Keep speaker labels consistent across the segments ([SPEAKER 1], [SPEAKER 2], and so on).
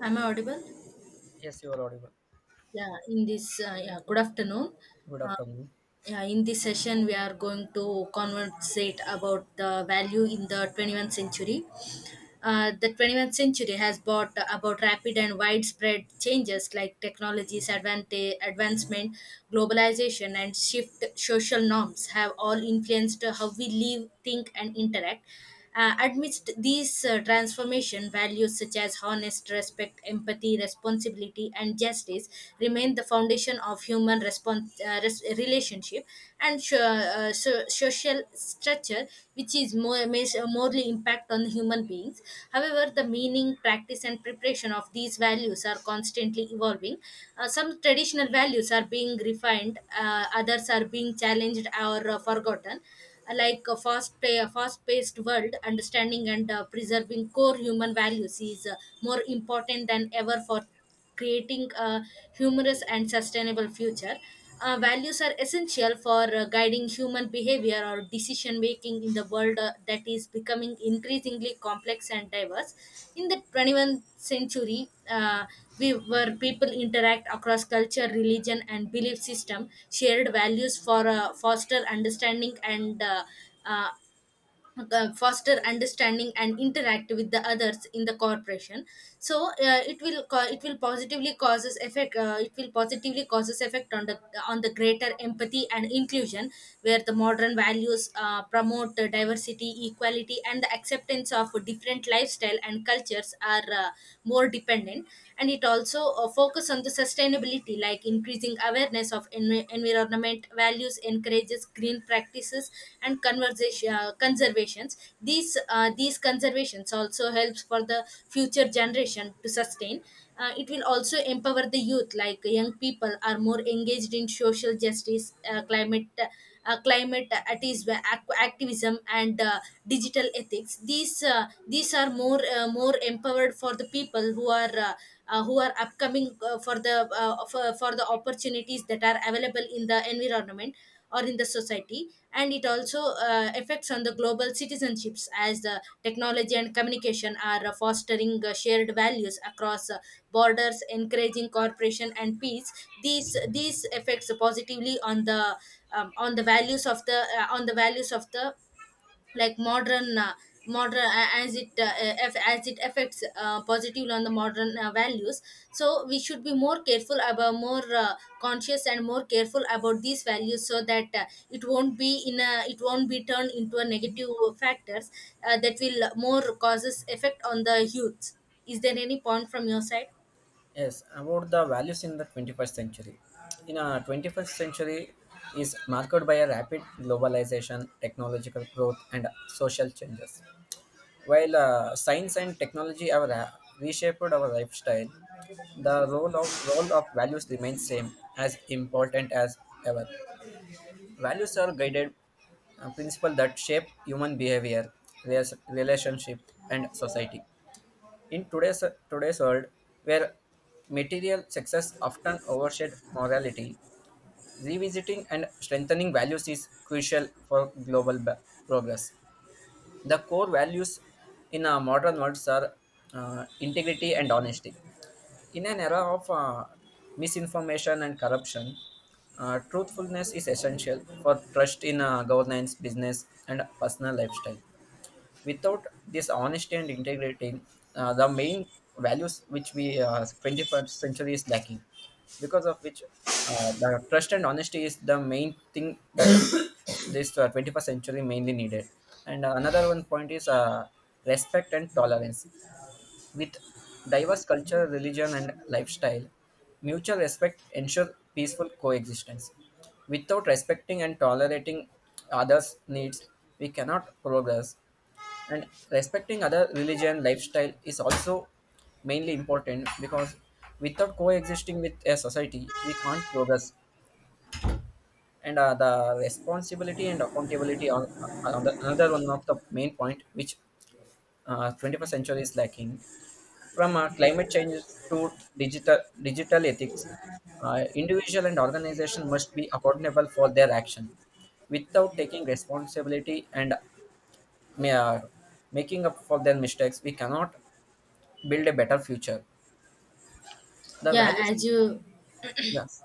[SPEAKER 1] I'm audible.
[SPEAKER 2] Yes, you are audible.
[SPEAKER 1] Good afternoon.
[SPEAKER 2] Good
[SPEAKER 1] Uh,
[SPEAKER 2] afternoon.
[SPEAKER 1] yeah, in this session, we are going to conversate about the value in the 21st century. The 21st century has brought about rapid and widespread changes like technologies, advancement, globalization, and shift social norms have all influenced how we live, think, and interact. Amidst these transformation, values such as honest respect, empathy, responsibility, and justice remain the foundation of human response relationship and so, so social structure which is more may morely impact on human beings. However, the meaning practice and preparation of these values are constantly evolving. Some traditional values are being refined, others are being challenged or forgotten. Like a fast-paced world, understanding and preserving core human values is more important than ever for creating a humorous and sustainable future. Values are essential for guiding human behavior or decision making in the world that is becoming increasingly complex and diverse. In the 21st century, we where people interact across culture, religion, and belief system, shared values for uh, foster understanding and interact with the others in the corporation. So, it will positively causes effect, it will positively causes effect on the greater empathy and inclusion, where the modern values promote diversity equality and the acceptance of different lifestyle and cultures are more dependent. And it also focus on the sustainability, like increasing awareness of environment values encourages green practices and conversation conservations. These these conservations also helps for the future generation to sustain. It will also empower the youth, like young people are more engaged in social justice, activism and digital ethics. These these are more more empowered for the people who are upcoming for the for the opportunities that are available in the environment or in the society. And it also affects on the global citizenships, as the technology and communication are fostering shared values across borders encouraging cooperation and peace. These effects positively on the values of the on the values of the, like modern, modern a- as it uh, as it affects positively on the modern values. So we should be more careful about more conscious and more careful about these values so that it won't be in a it won't be turned into a negative factors that will more causes effect on the youth. Is there any point from your side?
[SPEAKER 2] Yes, about the values in the 21st century. In a 21st century is marked by a rapid globalization, technological growth, and social changes. While science and technology have reshaped our lifestyle, the role of values remains same as important as ever. Values are guided principles that shape human behavior, relationship, and society. In today's world, where material success often overshadows morality, revisiting and strengthening values is crucial for global progress. The core values in our modern world are integrity and honesty. In an era of misinformation and corruption, truthfulness is essential for trust in governance, business, and personal lifestyle without this honesty and integrity, the main values which we 21st century is lacking, because of which uh, the trust and honesty is the main thing that this 21st century mainly needed. And another one point is respect and tolerance. With diverse culture, religion, and lifestyle, mutual respect ensure peaceful coexistence. Without respecting and tolerating others' needs, we cannot progress, and respecting other religion lifestyle is also mainly important because without coexisting with a society we can't progress. And the responsibility and accountability are the, another one of the main point which 21st century is lacking from climate changes to digital ethics. Uh, individual and organization must be accountable for their action without taking responsibility and ma- making up for their mistakes we cannot build a better future. The
[SPEAKER 1] yeah
[SPEAKER 2] values,
[SPEAKER 1] as you
[SPEAKER 2] yes,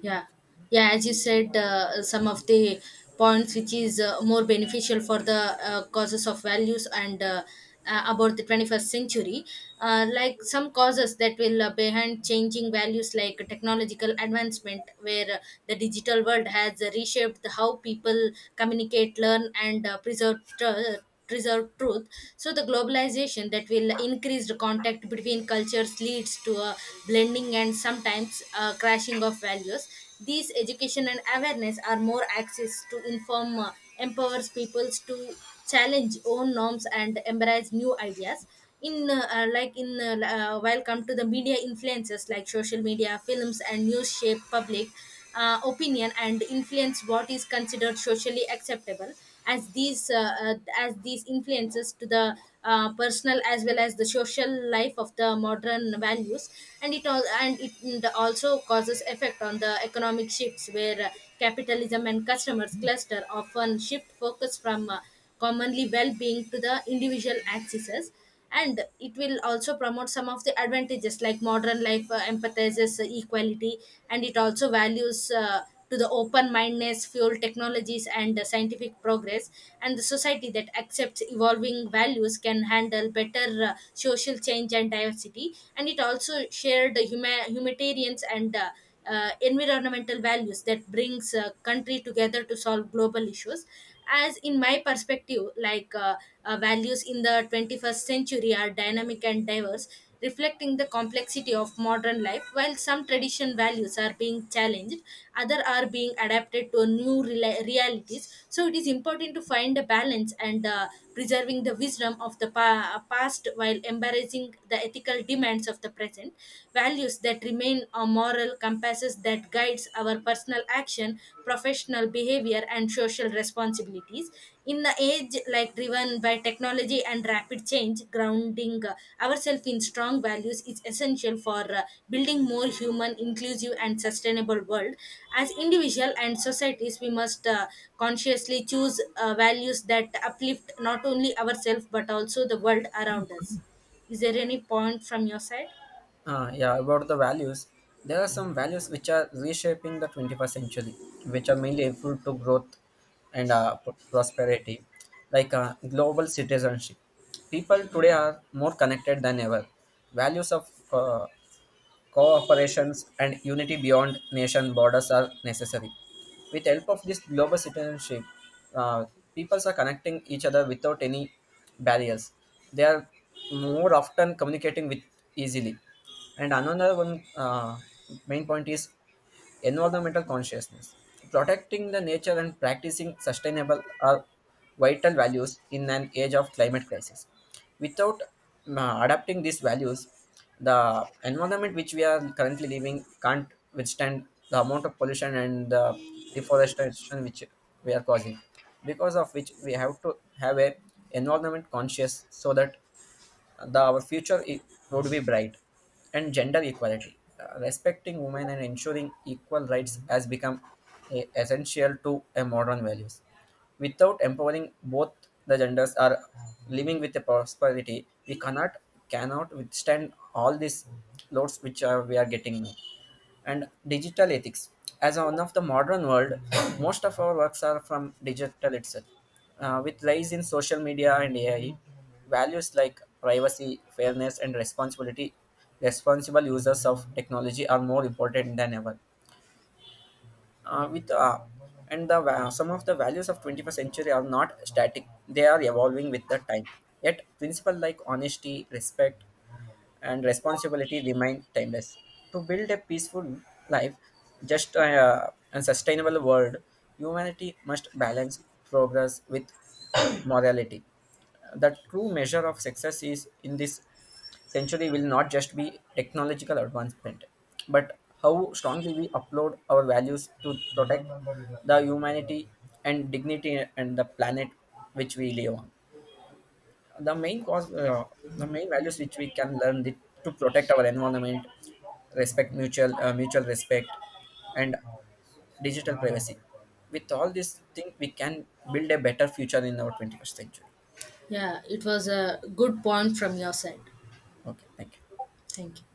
[SPEAKER 1] yeah yeah, as you said, some of the points which is more beneficial for the causes of values and about the 21st century. Like some causes that will behind changing values, like technological advancement, where the digital world has reshaped how people communicate learn and preserve truth. So the globalization that will increase the contact between cultures leads to a blending and sometimes a crashing of values. These education and awareness are more access to inform, empowers peoples to challenge own norms and embrace new ideas. In like in While come to the media influences, like social media films and news shape public opinion and influence what is considered socially acceptable, as these influences to the personal as well as the social life of the modern values. And it all and it mm, the also causes effect on the economic shifts, where capitalism and customers cluster often shift focus from commonly well-being to the individual axes. And it will also promote some of the advantages, like modern life empathizes equality, and it also values to the open mindedness fuel technologies and scientific progress. And the society that accepts evolving values can handle better social change and diversity, and it also shared the humanitarians and environmental values that brings a country together to solve global issues. As in my perspective, values in the 21st century are dynamic and diverse, reflecting the complexity of modern life. While some tradition values are being challenged, other are being adapted to new realities, so it is important to find a balance and preserving the wisdom of the past while embracing the ethical demands of the present. Values that remain a moral compasses that guides our personal action, professional behavior, and social responsibilities. In the age like driven by technology and rapid change, grounding ourselves in strong values is essential for building more human, inclusive, and sustainable world. As individual and societies, we must consciously choose values that uplift not only ourselves but also the world around us. Is there any point from your side?
[SPEAKER 2] yeah, about the values, there are some values which are reshaping the 21st century, which are mainly helpful to growth and prosperity, like global citizenship. People today are more connected than ever. Values of Cooperations and unity beyond nation borders are necessary. With help of this global citizenship, uh, peoples are connecting each other without any barriers. They are more often communicating with easily. And another one main point is Environmental consciousness. Protecting the nature and practicing sustainable are vital values in an age of climate crisis. Without adapting these values, the environment which we are currently living can't withstand the amount of pollution and the deforestation which we are causing because of which we have to have a environment conscious so that the our would be bright. And gender equality. Respecting women and ensuring equal rights has become essential to a modern values without empowering both the genders are living with a prosperity we cannot withstand all these loads which are, we are getting now. And digital ethics. As one of the modern world, most of our works are from digital itself, with rise in social media and AI. Values like privacy, fairness, and responsibility, responsible users of technology are more important than ever. With and the va- Some of the values of 21st century are not static, they are evolving with the time. Yet principles like honesty, respect, and responsibility remain timeless. To build a peaceful life, just and sustainable world, humanity must balance progress with morality. The true measure of success is in this century will not just be technological advancement, but how strongly we upload our values to protect the humanity and dignity and the planet which we live on. The main cause, the main values which we can learn the, to protect our environment, respect mutual respect, and digital privacy. With all these things we can build a better future in our 21st century.
[SPEAKER 1] Yeah, it was a good point from your side.
[SPEAKER 2] Okay, thank you.
[SPEAKER 1] Thank you.